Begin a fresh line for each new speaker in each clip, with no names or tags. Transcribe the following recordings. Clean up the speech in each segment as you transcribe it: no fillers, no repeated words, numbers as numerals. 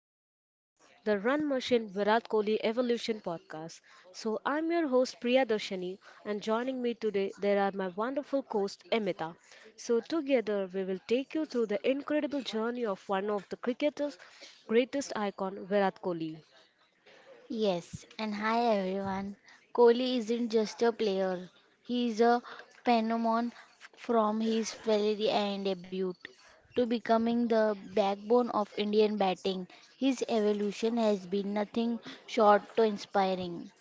So this is the Run Machine Virat Kohli Evolution podcast. So I'm your host Priya Darshani, and joining me today there are my wonderful co host Emita. So together we will take you through the incredible journey of one of the cricketers greatest icon Virat Kohli.
Yes, and hi everyone. Kohli isn't just a player, he is a phenomenon from his failure and debut to becoming the backbone of Indian batting. His evolution has been nothing short to inspiring.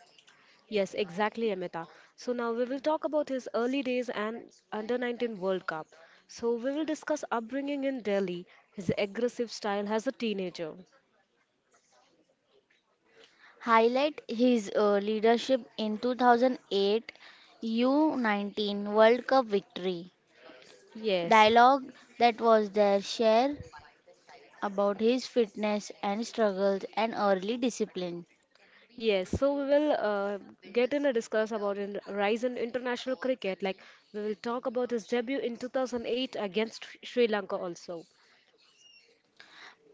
Yes, exactly, Amita. So now we will talk about his early days and under 19 World Cup. So we will discuss upbringing in Delhi, his aggressive style as a teenager.
Highlight his leadership in 2008 U19 World Cup victory.
Yes,
Dialogue that was their share about his fitness and struggles and early discipline.
yes. So we will get in a discuss about in rise in international cricket. Like we will talk about his debut in 2008 against Sri Lanka also.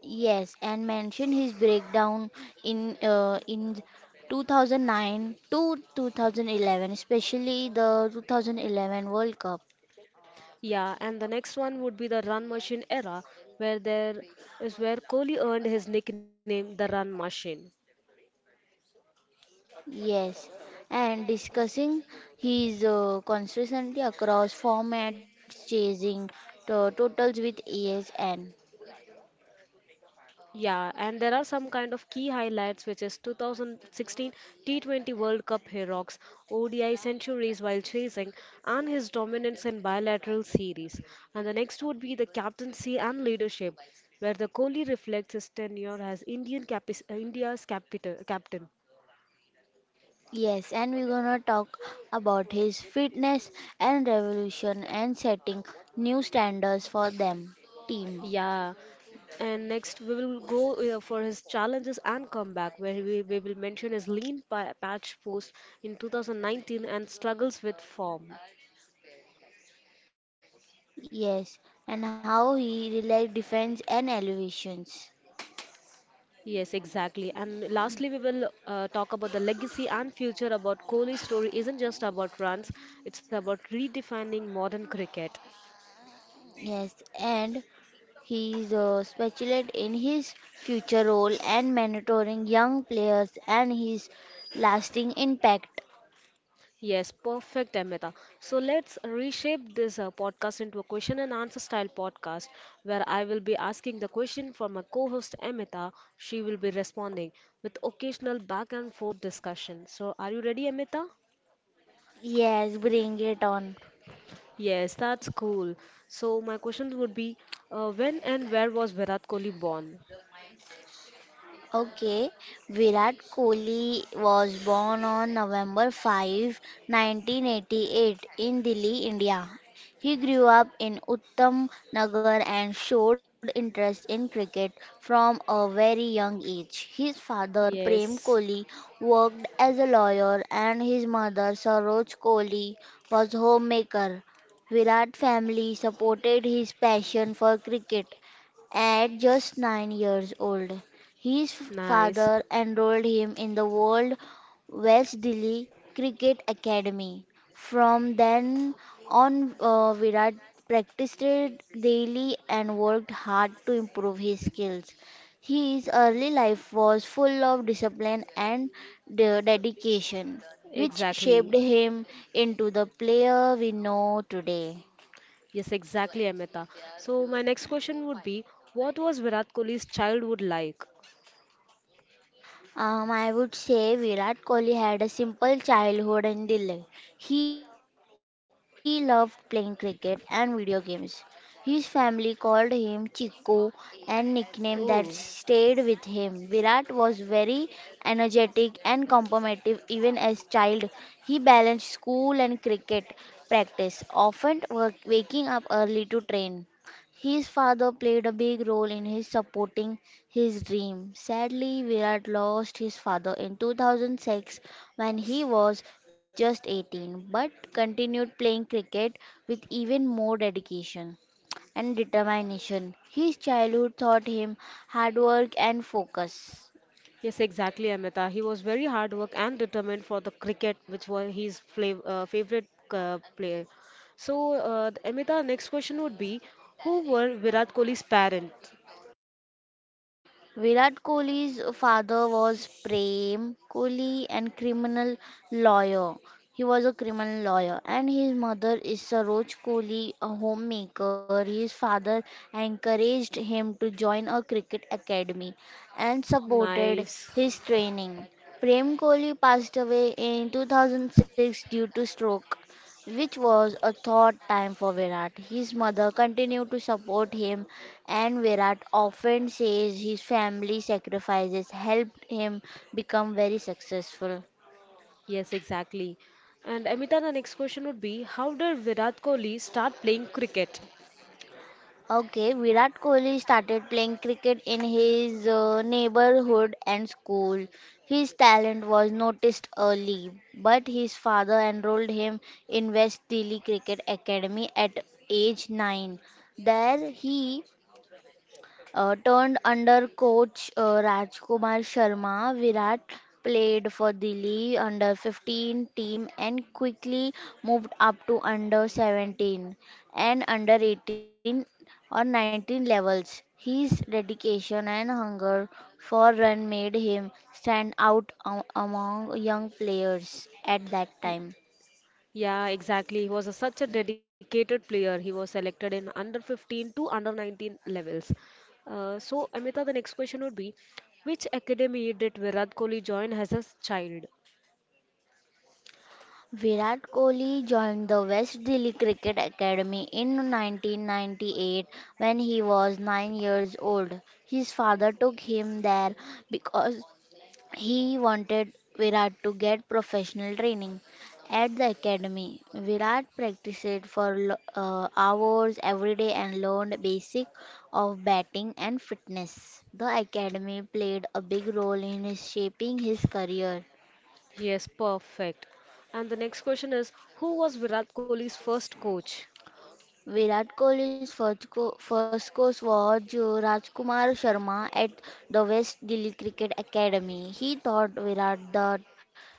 Yes, and mentioned his breakdown in 2009 to 2011, especially the 2011 World Cup.
Yeah, and the next one would be the run machine era, where there is where Kohli earned his nickname the run machine.
Yes, and discussing his consistency across formats, chasing to totals with ASN.
Yeah, and there are some kind of key highlights, which is 2016 T20 World Cup heroics, ODI centuries while chasing, and his dominance in bilateral series. And the next would be the captaincy and leadership, where the Kohli reflects his tenure as Indian capis India's capital captain.
Yes, and we're gonna talk about his fitness and revolution and setting new standards for them team.
Yeah, and next we will go for his challenges and comeback, where we will mention his lean patch post in 2019 and struggles with form.
Yes, and how he relied defense and elevations.
Yes, exactly. And lastly, we will talk about the legacy and future about Kohli's story isn't just about runs, it's about redefining modern cricket.
Yes, and he is speculate in his future role and mentoring young players and his lasting impact.
Yes, perfect, Amita. So let's reshape this podcast into a question and answer style podcast where I will be asking the question for my co host Amita. She will be responding with occasional back and forth discussion. So, are you ready, Amita?
Yes, bring it on.
Yes, that's cool. So, my question would be when and where was Virat Kohli born?
Okay, Virat Kohli was born on November 5, 1988 in Delhi, India. He grew up in Uttam Nagar and showed interest in cricket from a very young age. His father, Prem
Yes,
Kohli, worked as a lawyer and his mother, Saroj Kohli, was homemaker. Virat family supported his passion for cricket at just 9 years old. His
nice.
father enrolled him in the World Old Delhi Cricket Academy. From then on, Virat practiced daily and worked hard to improve his skills. His early life was full of discipline and dedication, which
Exactly.
shaped him into the player we know today.
Yes, exactly, Amita. So my next question would be, what was Virat Kohli's childhood like?
I would say Virat Kohli had a simple childhood in Delhi. He loved playing cricket and video games. His family called him Chiku, a nickname that stayed
Oh,
with him. Virat was very energetic and competitive even as child. He balanced school and cricket practice, often work, waking up early to train. His father played a big role in his supporting his dream. Sadly, Virat lost his father in 2006 when he was just 18, but continued playing cricket with even more dedication and determination. His childhood taught him hard work and focus.
yes, exactly, Amita. He was very hard work and determined for the cricket, which was his flav favorite player. So, Amita, next question would be, who were Virat Kohli's parents?
Virat Kohli's father was Prem Kohli and criminal lawyer. He was a criminal lawyer and his mother is Saroj Kohli, a homemaker. His father encouraged him to join a cricket academy and supported
Nice.
his training. Prem Kohli passed away in 2006 due to stroke which was a third time for Virat. His mother continued to support him, and Virat often says his family sacrifices helped him become very successful.
Yes, exactly. And Amita, the next question would be, how did Virat Kohli start playing cricket?
Okay, Virat Kohli started playing cricket in his neighborhood and school. His talent was noticed early, but his father enrolled him in West Delhi Cricket Academy at age 9. There he turned under coach Rajkumar Sharma, Virat played for Delhi under 15 team and quickly moved up to under 17 and under 18 or 19 levels. His dedication and hunger for run made him stand out among young players at that time.
Yeah, exactly. Such a dedicated player. He was selected in under 15 to under 19 levels. So, Amita, the next question would be, which academy did Virat Kohli join as a child?
Virat Kohli joined the West Delhi Cricket Academy in 1998 when he was 9 years old. His father took him there because he wanted Virat to get professional training. At the academy, Virat practiced for hours every day and learned basic of batting and fitness. The academy played a big role in his shaping his career.
Yes, perfect. And the next question is, who was Virat Kohli's first coach?
Virat Kohli's first coach was Rajkumar Sharma at the West Delhi Cricket Academy. He taught Virat the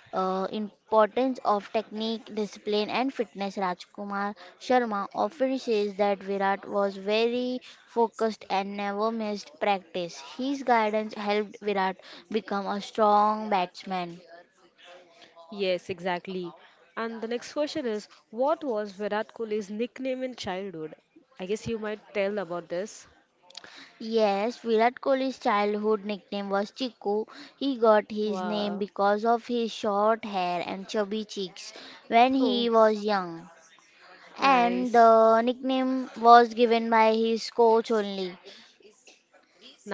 importance of technique, discipline, and fitness. Rajkumar Sharma often says that Virat was very focused and never missed practice. His guidance helped Virat become a strong batsman.
Yes, exactly. And the next question is, what was Virat Kohli's nickname in childhood? I guess you might tell about this.
Yes, Virat Kohli's childhood nickname was Chiku. He got his name
Wow.
because of his short hair and chubby cheeks when he
Oh,
was young. And
nice.
the nickname was given by his coach only.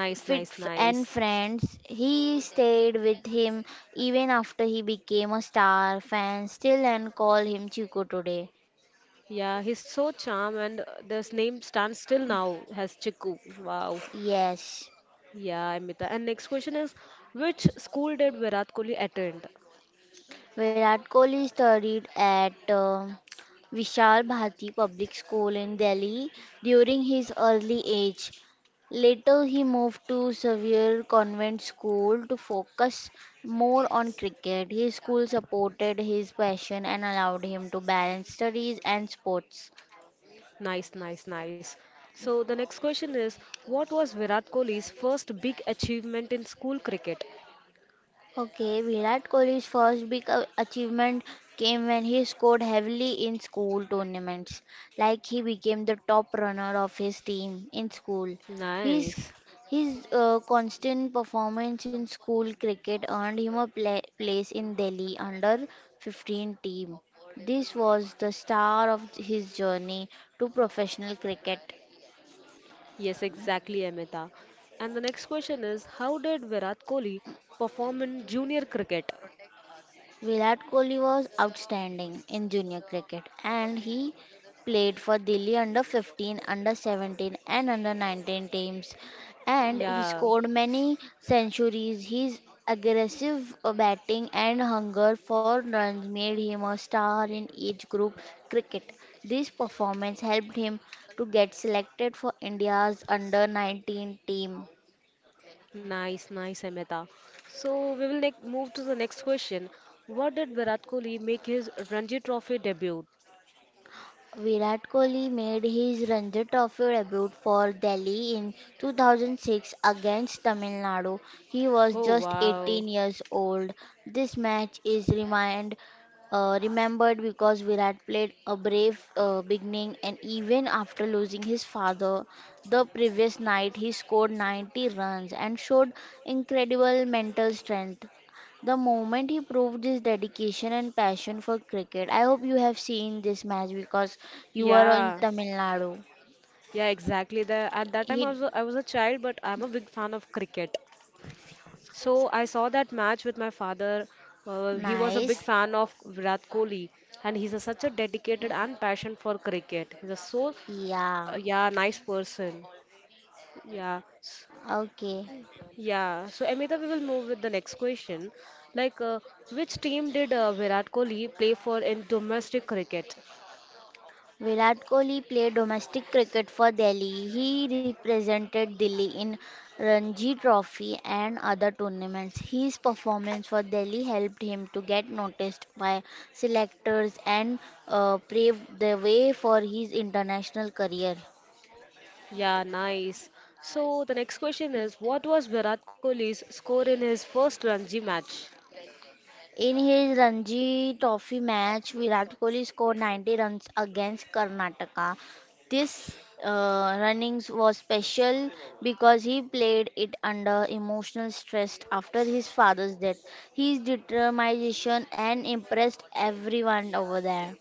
Nice,
Fit f-
nice,
and
nice.
friends, he stayed with him even after he became a star. Fans still and call him Chiku today.
Yeah, he's so charm, and this name stands still now as Chiku. Wow.
Yes.
Yeah, Amita. And next question is, which school did Virat Kohli attend?
Virat Kohli studied at Vishal Bharati Public School in Delhi during his early age. Later, he moved to Sevier Convent School to focus more on cricket. His school supported his passion and allowed him to balance studies and sports.
Nice. So the next question is, what was Virat Kohli's first big achievement in school cricket?
Okay, Virat Kohli's first big achievement came when he scored heavily in school tournaments. Like he became the top runner of his team in school. His
Nice.
his constant performance in school cricket earned him a place in Delhi under 15 team. This was the star of his journey to professional cricket.
Yes, exactly, Amita. And the next question is, how did Virat Kohli perform in junior cricket?
Virat Kohli was outstanding in junior cricket and he played for Delhi under 15, under 17 and under 19 teams and he
Yeah.
scored many centuries. His aggressive batting and hunger for runs made him a star in age group cricket. This performance helped him to get selected for India's under 19 team.
Nice, Amita. So we will ne move to the next question. What did Virat Kohli make his Ranji Trophy debut?
Virat Kohli made his Ranji Trophy debut for Delhi in 2006 against Tamil Nadu. He was
Oh
just
wow.
18 years old. This match is remembered because Virat played a brave beginning and even after losing his father the previous night, he scored 90 runs and showed incredible mental strength. The moment he proved his dedication and passion for cricket, I hope you have seen this match because you were in
Yeah,
Tamil Nadu.
yeah, exactly. At that time,
He
I was a child, but I'm a big fan of cricket. So I saw that match with my father. He was a
Nice.
big fan of Virat Kohli, and such a dedicated and passion for cricket. He's a so,
Yeah.
yeah, nice person. Yeah.
Okay.
Yeah, so Amita, we will move with the next question. Like, uh, which team did Virat Kohli play for in domestic cricket?
Virat Kohli played domestic cricket for Delhi. He represented Delhi in Ranji Trophy and other tournaments. His performance for Delhi helped him to get noticed by selectors and paved the way for his international career.
Yeah, nice. So the next question is, what was Virat Kohli's score in his first Ranji match?
In his Ranji Trophy match, Virat Kohli scored 90 runs against Karnataka. This runnings was special because he played it under emotional stress after his father's death. His determination and impressed everyone over there.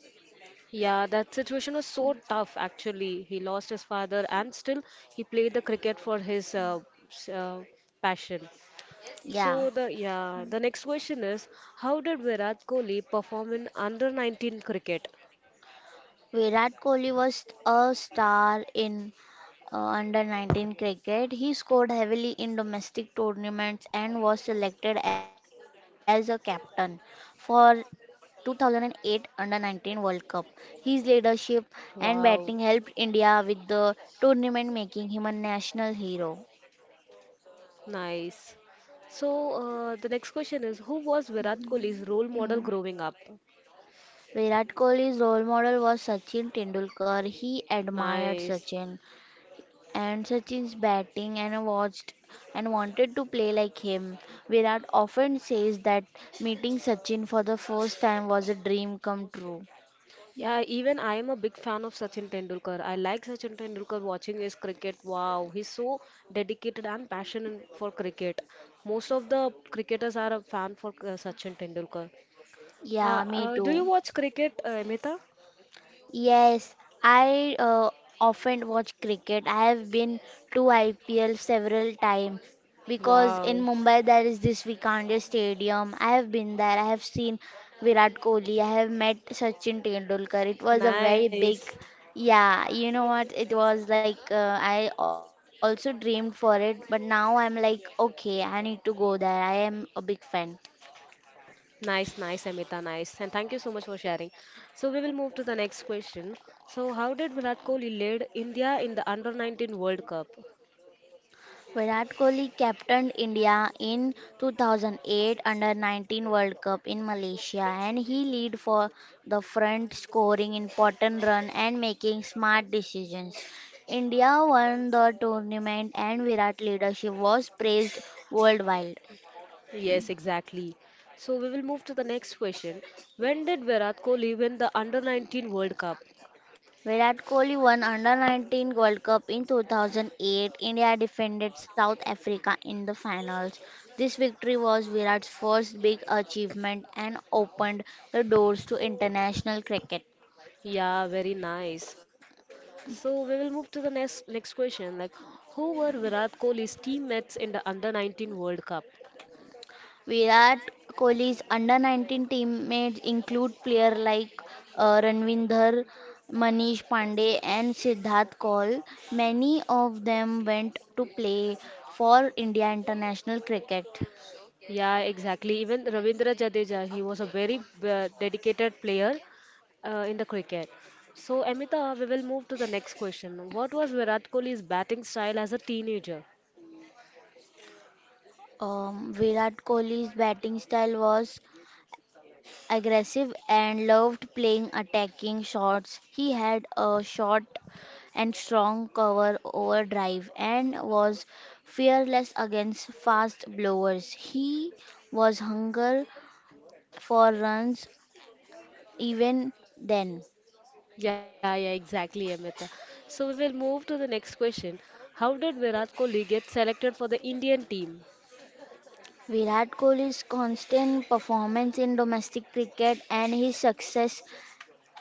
Yeah, that situation was so tough actually. He lost his father and still he played the cricket for his s- uh, passion.
Yeah.
So the next question is, how did Virat Kohli perform in under 19 cricket?
Virat Kohli was a star in under 19 cricket. He scored heavily in domestic tournaments and was selected as a captain for 2008 under 19 World Cup. His leadership
Wow.
and batting helped India with the tournament, making him a national hero.
Nice. So, the next question is, who was Virat Kohli's role model growing up?
Virat Kohli's role model was Sachin Tendulkar. He admired
Nice.
Sachin and Sachin's batting and I watched and wanted to play like him. Virat often says that meeting Sachin for the first time was a dream come true.
Yeah, even I am a big fan of Sachin Tendulkar. I like Sachin Tendulkar watching his cricket. Wow, he's so dedicated and passionate for cricket. Most of the cricketers are a fan for Sachin Tendulkar.
Yeah, me
Do
too.
you watch cricket, Amita?
Yes, I often watch cricket. I have been to IPL several times because in
Wow,
Mumbai there is this Vikander Stadium. I have been there. I have seen Virat Kohli. I have met Sachin Tendulkar. It was a very
nice.
big, yeah, you know what? It was like I also dreamed for it, but now I'm like, okay, I need to go there. I am a big fan.
Nice, Amita, nice. And thank you so much for sharing. So we will move to the next question. So how did Virat Kohli lead India in the Under 19 World Cup?
Virat Kohli captained India in 2008 under 19 World Cup in Malaysia and he lead for the front scoring important run and making smart decisions. India won the tournament and Virat leadership was praised worldwide.
Yes, exactly. So we will move to the next question. When did Virat Kohli win the Under 19 World Cup?
Virat Kohli won Under 19 World Cup in 2008. India defeated South Africa in the finals. This victory was Virat's first big achievement and opened the doors to international cricket.
Yeah, very nice. So we will move to the next question. Who were Virat Kohli's teammates in the Under 19 World Cup?
Virat Kohli's Under 19 teammates include players like Ranvinder, Manish Pandey, and Siddharth Kaul. Many of them went to play for India international cricket.
Yeah, exactly. Even Ravindra Jadeja, he was a very dedicated player in the cricket. So, Amita, we will move to the next question. What was Virat Kohli's batting style as a teenager?
Virat Kohli's batting style was aggressive and loved playing attacking shots. He had a short and strong cover over drive and was fearless against fast blowers. He was hunger for runs even then.
Yeah, exactly, Amita. So, we will move to the next question. How did Virat Kohli get selected for the Indian team?
Virat Kohli's constant performance in domestic cricket and his success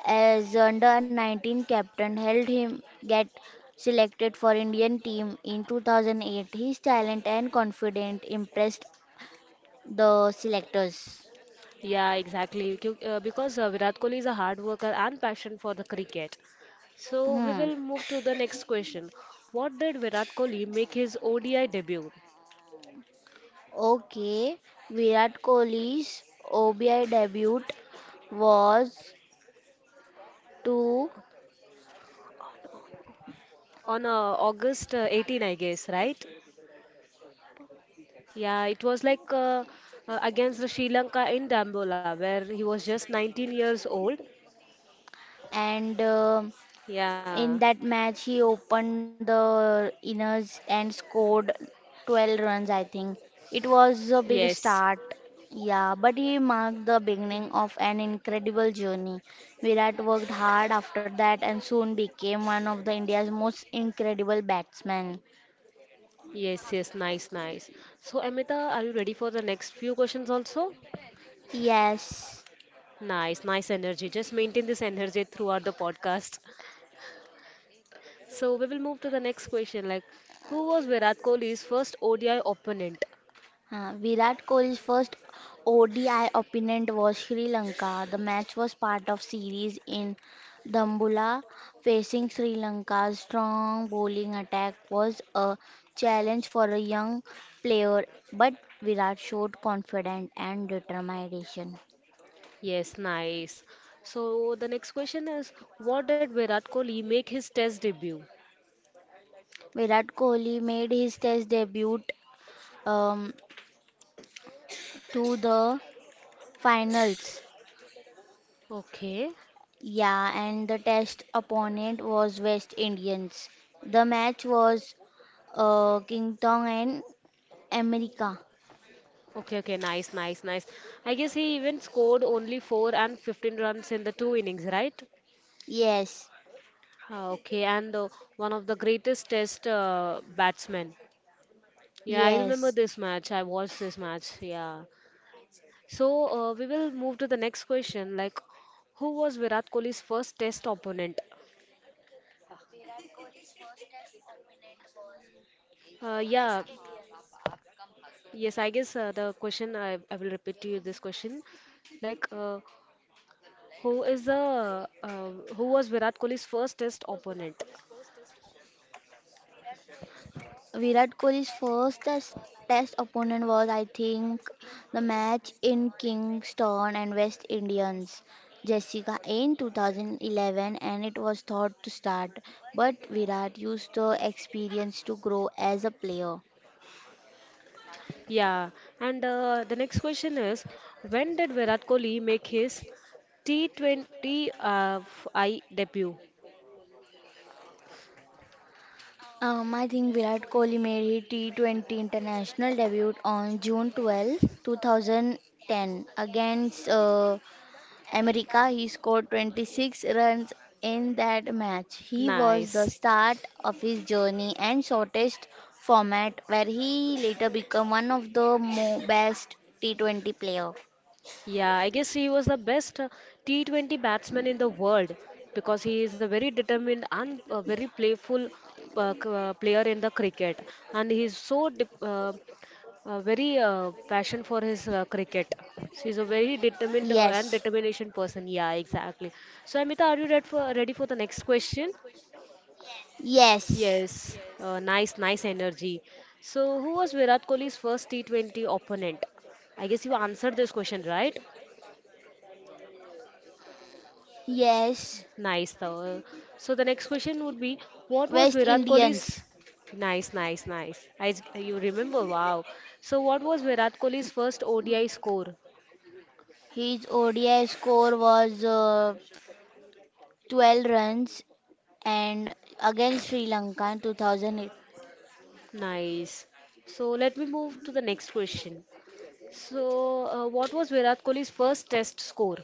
as under 19 captain helped him get selected for Indian team in 2008. His talent and confidence impressed the selectors.
Yeah, exactly. Because Virat Kohli is a hard worker and passion for the cricket. So, we
Hmm.
will move to the next question. What did Virat Kohli make his ODI debut?
Okay, Virat Kohli's ODI debut was 2
On August 18, I guess, right? Yeah, it was like Against the Sri Lanka in Dambola, where he was just 19 years old.
and In
Yeah,
that match, he opened the inners and scored 12 runs, I think. It was a big
yes,
start, yeah, but he marked the beginning of an incredible journey. Virat worked hard after that and soon became one of the India's most incredible batsmen.
yes, nice. So, Amita, are you ready for the next few questions also?
Yes.
Nice, nice energy. Just maintain this energy throughout the podcast. So, we will move to the next question, who was Virat Kohli's first ODI opponent?
Virat Kohli's first ODI opponent was Sri Lanka. The match was part of series in Dambulla facing Sri Lanka's strong bowling attack was a challenge for a young player but Virat showed confidence and determination.
Yes, nice. So the next question is, what did Virat Kohli make his test debut?
Virat Kohli made his test debut um, to the finals
Okay.
Yeah, and the test opponent was West Indians. The match was King Tong and America.
Okay, nice. I guess he even scored only 4 and 15 runs in the two innings, right?
Yes,
Ah, okay, and one of the greatest test batsmen. Yeah, I remember
yes.
this match. I watched this match. Yeah. So we will move to the next question. Like, Who was Virat Kohli's first test opponent? Uh, yeah. Yes, I guess the question I will repeat to you this question, like uh, who is the who was Virat Kohli's first Test opponent?
Virat Kohli's test opponent was, I think, the match in Kingston and West Indians, Jessica, in 2011, and it was thought to start, but Virat used the experience to grow as a player.
Yeah, and the next question is, when did Virat Kohli make his T20 I debut?
I think Virat Kohli made his T20 international debut on June 12, 2010 against America. He scored 26 runs in that match. He was the
Nice.
start of his journey and shortest format where he later became one of the best T20 player.
Yeah, I guess he was the best T20 batsman in the world because he is a very determined and a very playful player in the cricket, and very passion for his cricket. So he's a very
Yes.
determined and determination person. Yeah, exactly. So Amita, are you ready for the next question?
Yes.
Yes, nice, nice energy. So who was Virat Kohli's first T20 opponent? I guess you answered this question, right?
Yes.
Nice, though. So the next question would be, what
West
was Virat
Indians.
Kohli's? Nice, nice, nice. You remember? Wow. So what was Virat Kohli's first ODI score?
His ODI score was 12 runs and against Sri Lanka in 2008.
Nice. So let me move to the next question. So what was Virat Kohli's first test score?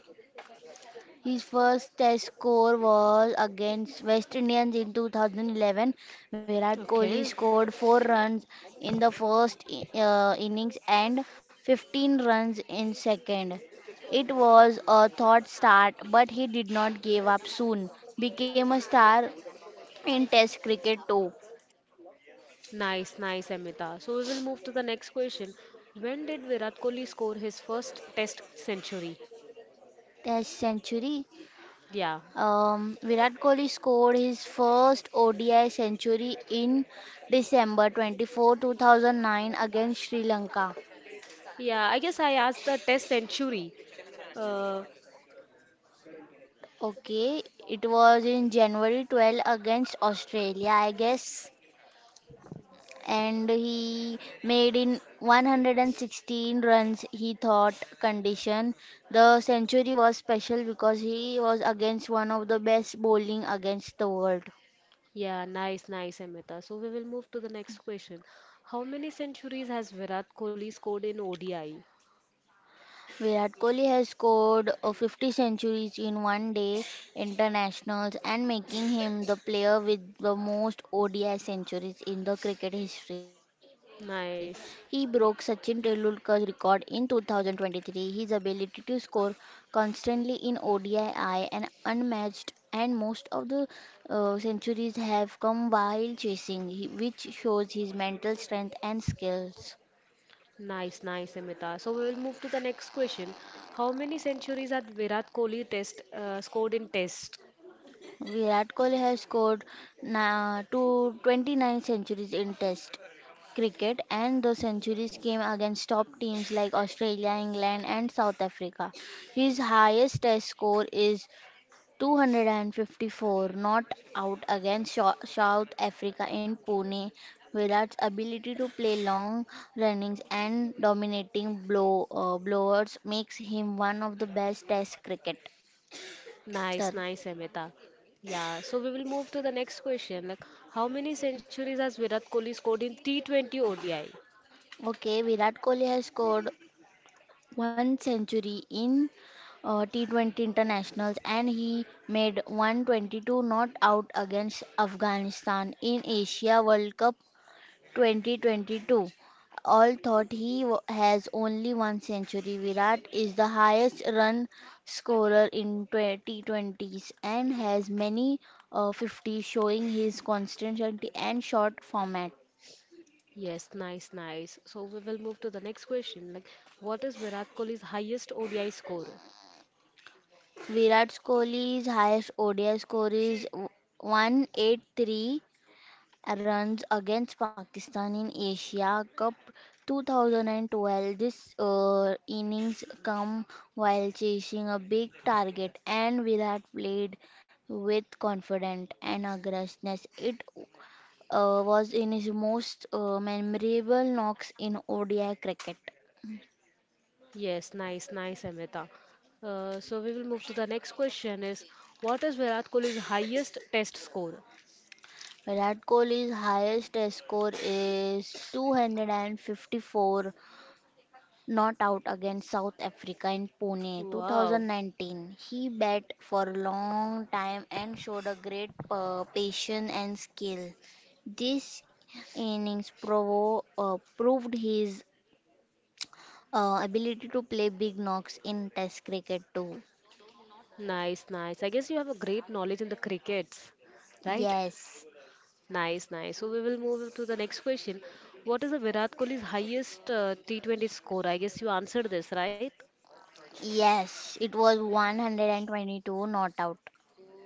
His first test score was against West Indians in 2011. Virat Kohli
Okay.
scored 4 runs in the first innings and 15 runs in second. It was a thought start but he did not give up soon. Became a star in test cricket too.
Nice, Amita. So we will move to the next question. When did Virat Kohli score his first test century?
Test century.
Yeah.
Virat Kohli scored his first ODI century in December 24, 2009 against Sri Lanka.
Yeah, I guess I asked the test century. Uh,
Okay, it was in January 12 against Australia, I guess. And he made in 116 runs. He thought condition. The century was special because he was against one of the best bowling against the world.
Yeah, nice, Amita. So we will move to the next question. How many centuries has Virat Kohli scored in ODI?
Virat Kohli has scored 50 centuries in one day internationals and making him the player with the most ODI centuries in the cricket history. He broke Sachin
Nice,
Tendulkar's record in 2023. His ability to score constantly in ODI and unmatched, and most of the centuries have come while chasing, which shows his mental strength and skills.
nice, Amita. So we will move to the next question. How many centuries had Virat Kohli test scored in Test?
Virat Kohli has scored to 29 centuries in Test cricket, and those centuries came against top teams like Australia, England, and South Africa. His highest Test score is 254 not out against South Africa in Pune. Virat's ability to play long runnings and dominating blowers makes him one of the best Test cricket. तर
Nice, Amita. Yeah, so we will move to the next question. How many centuries has Virat Kohli scored in T20 ODI?
Okay Virat Kohli has scored one century in T20 internationals, and he made 122 not out against Afghanistan in Asia World Cup 2022. All thought has only one century. Virat is the highest run scorer in 2020s and has many 50 showing his consistency and short format.
Yes, nice, nice. So we will move to the next question. What is Virat Kohli's highest ODI score?
Virat Kohli's highest ODI score is 183 runs against Pakistan in Asia Cup 2012. This innings come while chasing a big target, and Virat played with confidence and aggressiveness. It was in his most memorable knocks in ODI cricket.
Yes, nice, Amita. So we will move to the next question is, what is Virat Kohli's highest test score?
Virat Kohli's highest test score is 254 not out against South Africa in Pune
Wow,
2019. He bat for a long time and showed a great patience and skill. This innings proved his ability to play big knocks in Test cricket too.
nice, nice. I guess you have a great knowledge in the crickets, right?
Yes,
Nice, nice. So we will move to the next question. What is the Virat Kohli's highest T20 score? I guess you answered this, right?
yes, it was 122 not out.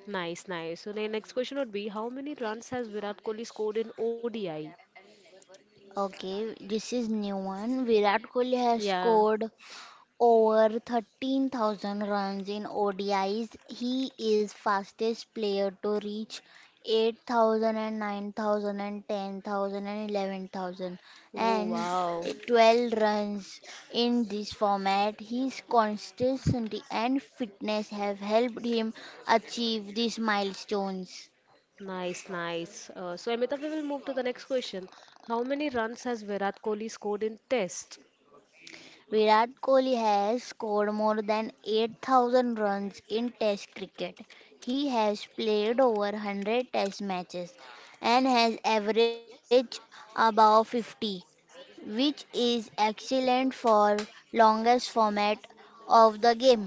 Nice, nice. So the next question would be, how many runs has Virat Kohli scored in ODI?
Okay, this is new one. Virat Kohli has
Yeah.
scored over 13,000 runs in ODIs. He is fastest player to reach 8,000 9,000 and 10,000 and 11,000
Oh,
and 11,000
wow.
and 12 runs in this format. His consistency and fitness have helped him achieve these milestones.
Nice, nice. So, Amita, we will move to the next question. How many runs has Virat Kohli scored in Test?
Virat Kohli has scored more than 8,000 runs in Test cricket. He has played over 100 Test matches and has averaged above 50, which is excellent for longest format of the game.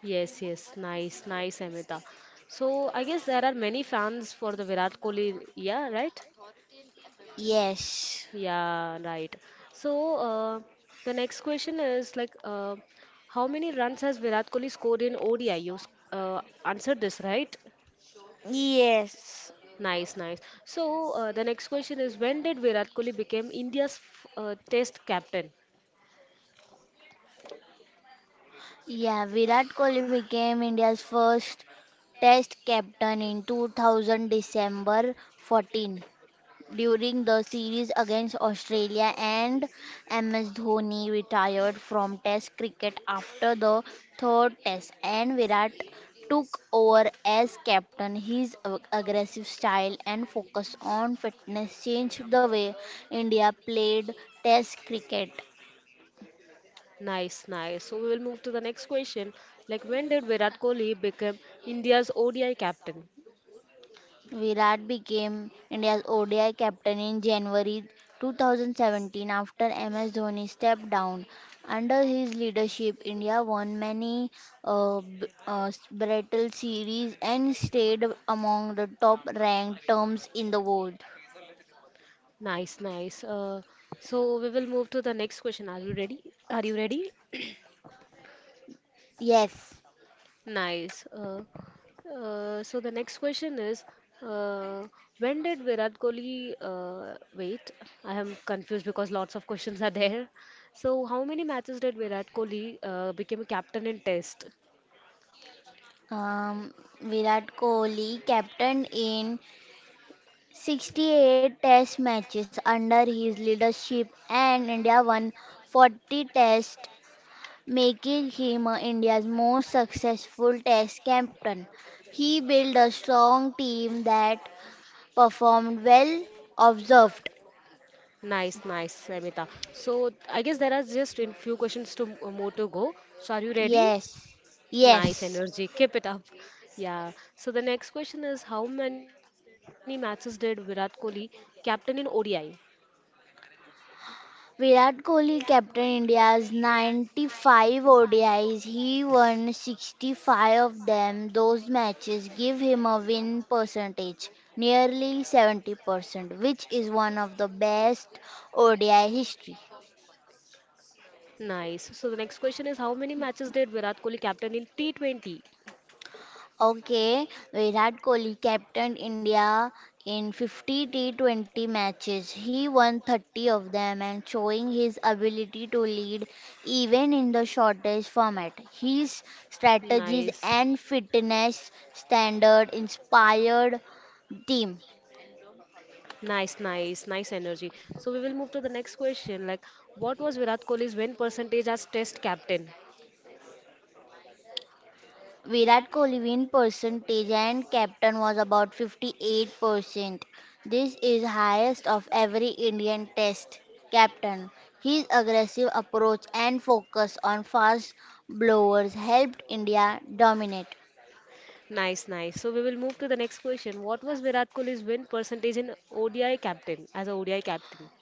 Yes, yes. Nice, Amita. So, I guess there are many fans for the Virat Kohli. Yeah, right?
Yes.
Yeah, right. So, the next question is like, how many runs has Virat Kohli scored in ODI? You answered this, right?
Yes.
Nice, nice. So, the next question is, when did Virat Kohli become India's Test captain?
Yeah, Virat Kohli became India's first Test captain in 2000 December 14, during the series against Australia, and MS Dhoni retired from Test cricket after the third Test, and Virat took over as captain. His aggressive style and focus on fitness changed the way India played Test cricket.
Nice, nice. So we will move to the next question. Like, when did Virat Kohli become India's ODI captain?
Virat became India's ODI captain in January 2017 after MS Dhoni stepped down. Under his leadership, India won many battle series and stayed among the top ranked teams in the world.
Nice, nice. So we will move to the next question. Are you ready? Are you ready?
Yes,
Nice. So the next question is, uh, when did Virat Kohli, wait, I am confused because lots of questions are there. So how many matches did Virat Kohli, became a captain in Test?
um, Virat Kohli captained in 68 test matches under his leadership, and India won 40 tests making him India's most successful test captain. He built a strong team that performed well, observed.
Nice, Samita. So I guess there are just in few questions to more to go. So are you ready?
Yes,
Nice
yes.
energy. Keep it up. Yeah. So the next question is, how many matches did Virat Kohli captain in ODI?
Virat Kohli captained India's 95 ODIs. He won 65 of them. Those matches give him a win percentage nearly 70%, which is one of the best ODI history.
Nice. So the next question is, how many matches did Virat Kohli captain in T20?
Okay, Virat Kohli captained India in 50 T20 matches. He won 30 of them and showing his ability to lead even in the shortest format. His strategies
Nice.
and fitness standard inspired team.
Nice, energy. So we will move to the next question. What was Virat Kohli's win percentage as Test captain?
Virat Kohli win percentage and captain was about 58%. This is highest of every Indian test captain. His aggressive approach and focus on fast blowers helped India dominate.
Nice, nice. So we will move to the next question. What was Virat Kohli's win percentage in ODI captain as a ODI captain?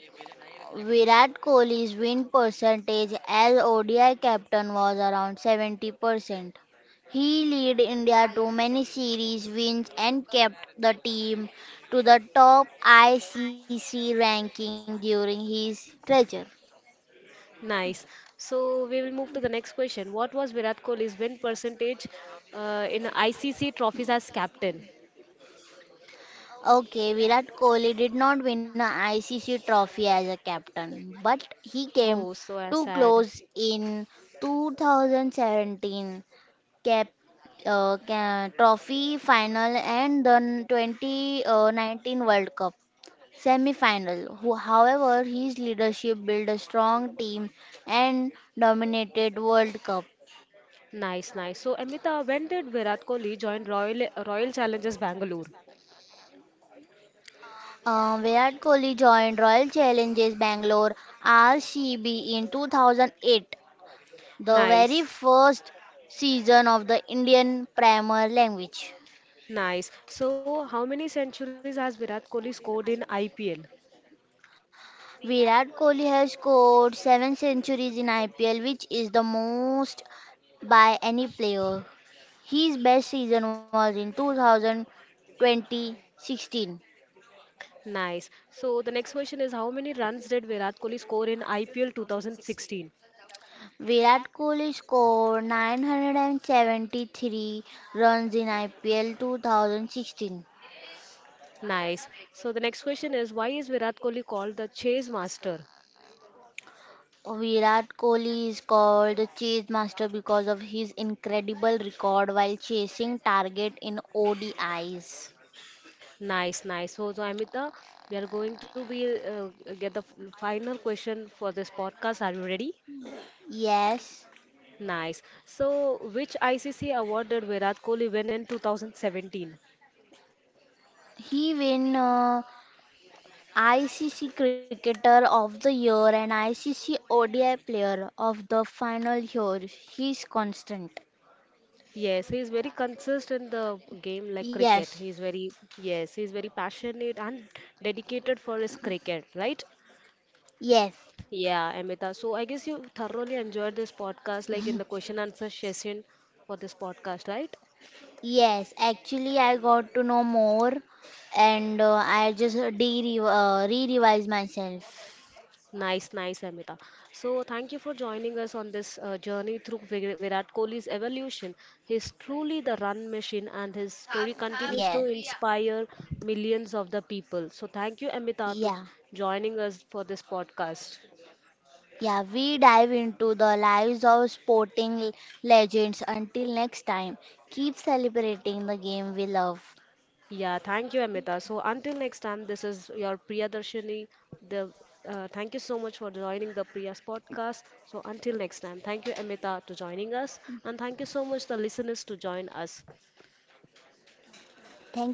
Virat Kohli's win percentage as ODI captain was around 70%. He led India to many series wins and kept the team to the top ICC ranking during his career.
Nice. So we will move to the next question. What was Virat Kohli's win percentage in ICC trophies as captain?
Okay, Virat Kohli did not win an ICC trophy as a captain, but he came
Oh, so
too close
sad.
in 2017 cap, trophy final and the 2019 World Cup semi-final. However, his leadership built a strong team and dominated World Cup.
Nice, nice. So Amita, when did Virat Kohli join Royal Challengers Bangalore?
Virat Kohli joined Royal Challengers Bangalore RCB in 2008, the
Nice,
very first season of the Indian Premier Language.
nice. So how many centuries has Virat Kohli scored in IPL?
Virat Kohli has scored 7 centuries in IPL, which is the most by any player. His best season was in 2020-16.
Nice. So the next question is, how many runs did Virat Kohli score in IPL 2016?
Virat Kohli scored 973 runs in IPL 2016.
Nice. So the next question is, why is Virat Kohli called the chase master?
Virat Kohli is called the chase master because of his incredible record while chasing target in ODIs.
So, Amita, we are going to be get the final question for this podcast. Are you ready?
Yes,
Nice. So which ICC award did Virat Kohli win in 2017?
he win ICC Cricketer of the Year and ICC ODI Player of the Final Year. He's constant.
Yes, he is very consistent in the game like cricket.
Yes,
Yes, he is very passionate and dedicated for his cricket, right?
yes,
Yeah, Amita. So I guess you thoroughly enjoyed this podcast, like in the question answer session for this podcast, right?
yes. Actually, I got to know more, and I just de re-revise myself.
Nice, Amita. So thank you for joining us on this journey through Virat Kohli's evolution. He's truly the run machine, and his story continues
Yeah.
to inspire millions of the people. So thank you, Amita, to
Yeah,
joining us for this podcast.
yeah. We dive into the lives of sporting legends. Until next time, keep celebrating the game we love.
Yeah, thank you, Amita. So until next time, this is your Priyadarshini. The Thank you so much for joining the Priya's podcast. So until next time, thank you, Amita, to joining us, and thank you so much the listeners to join us.
Thank you.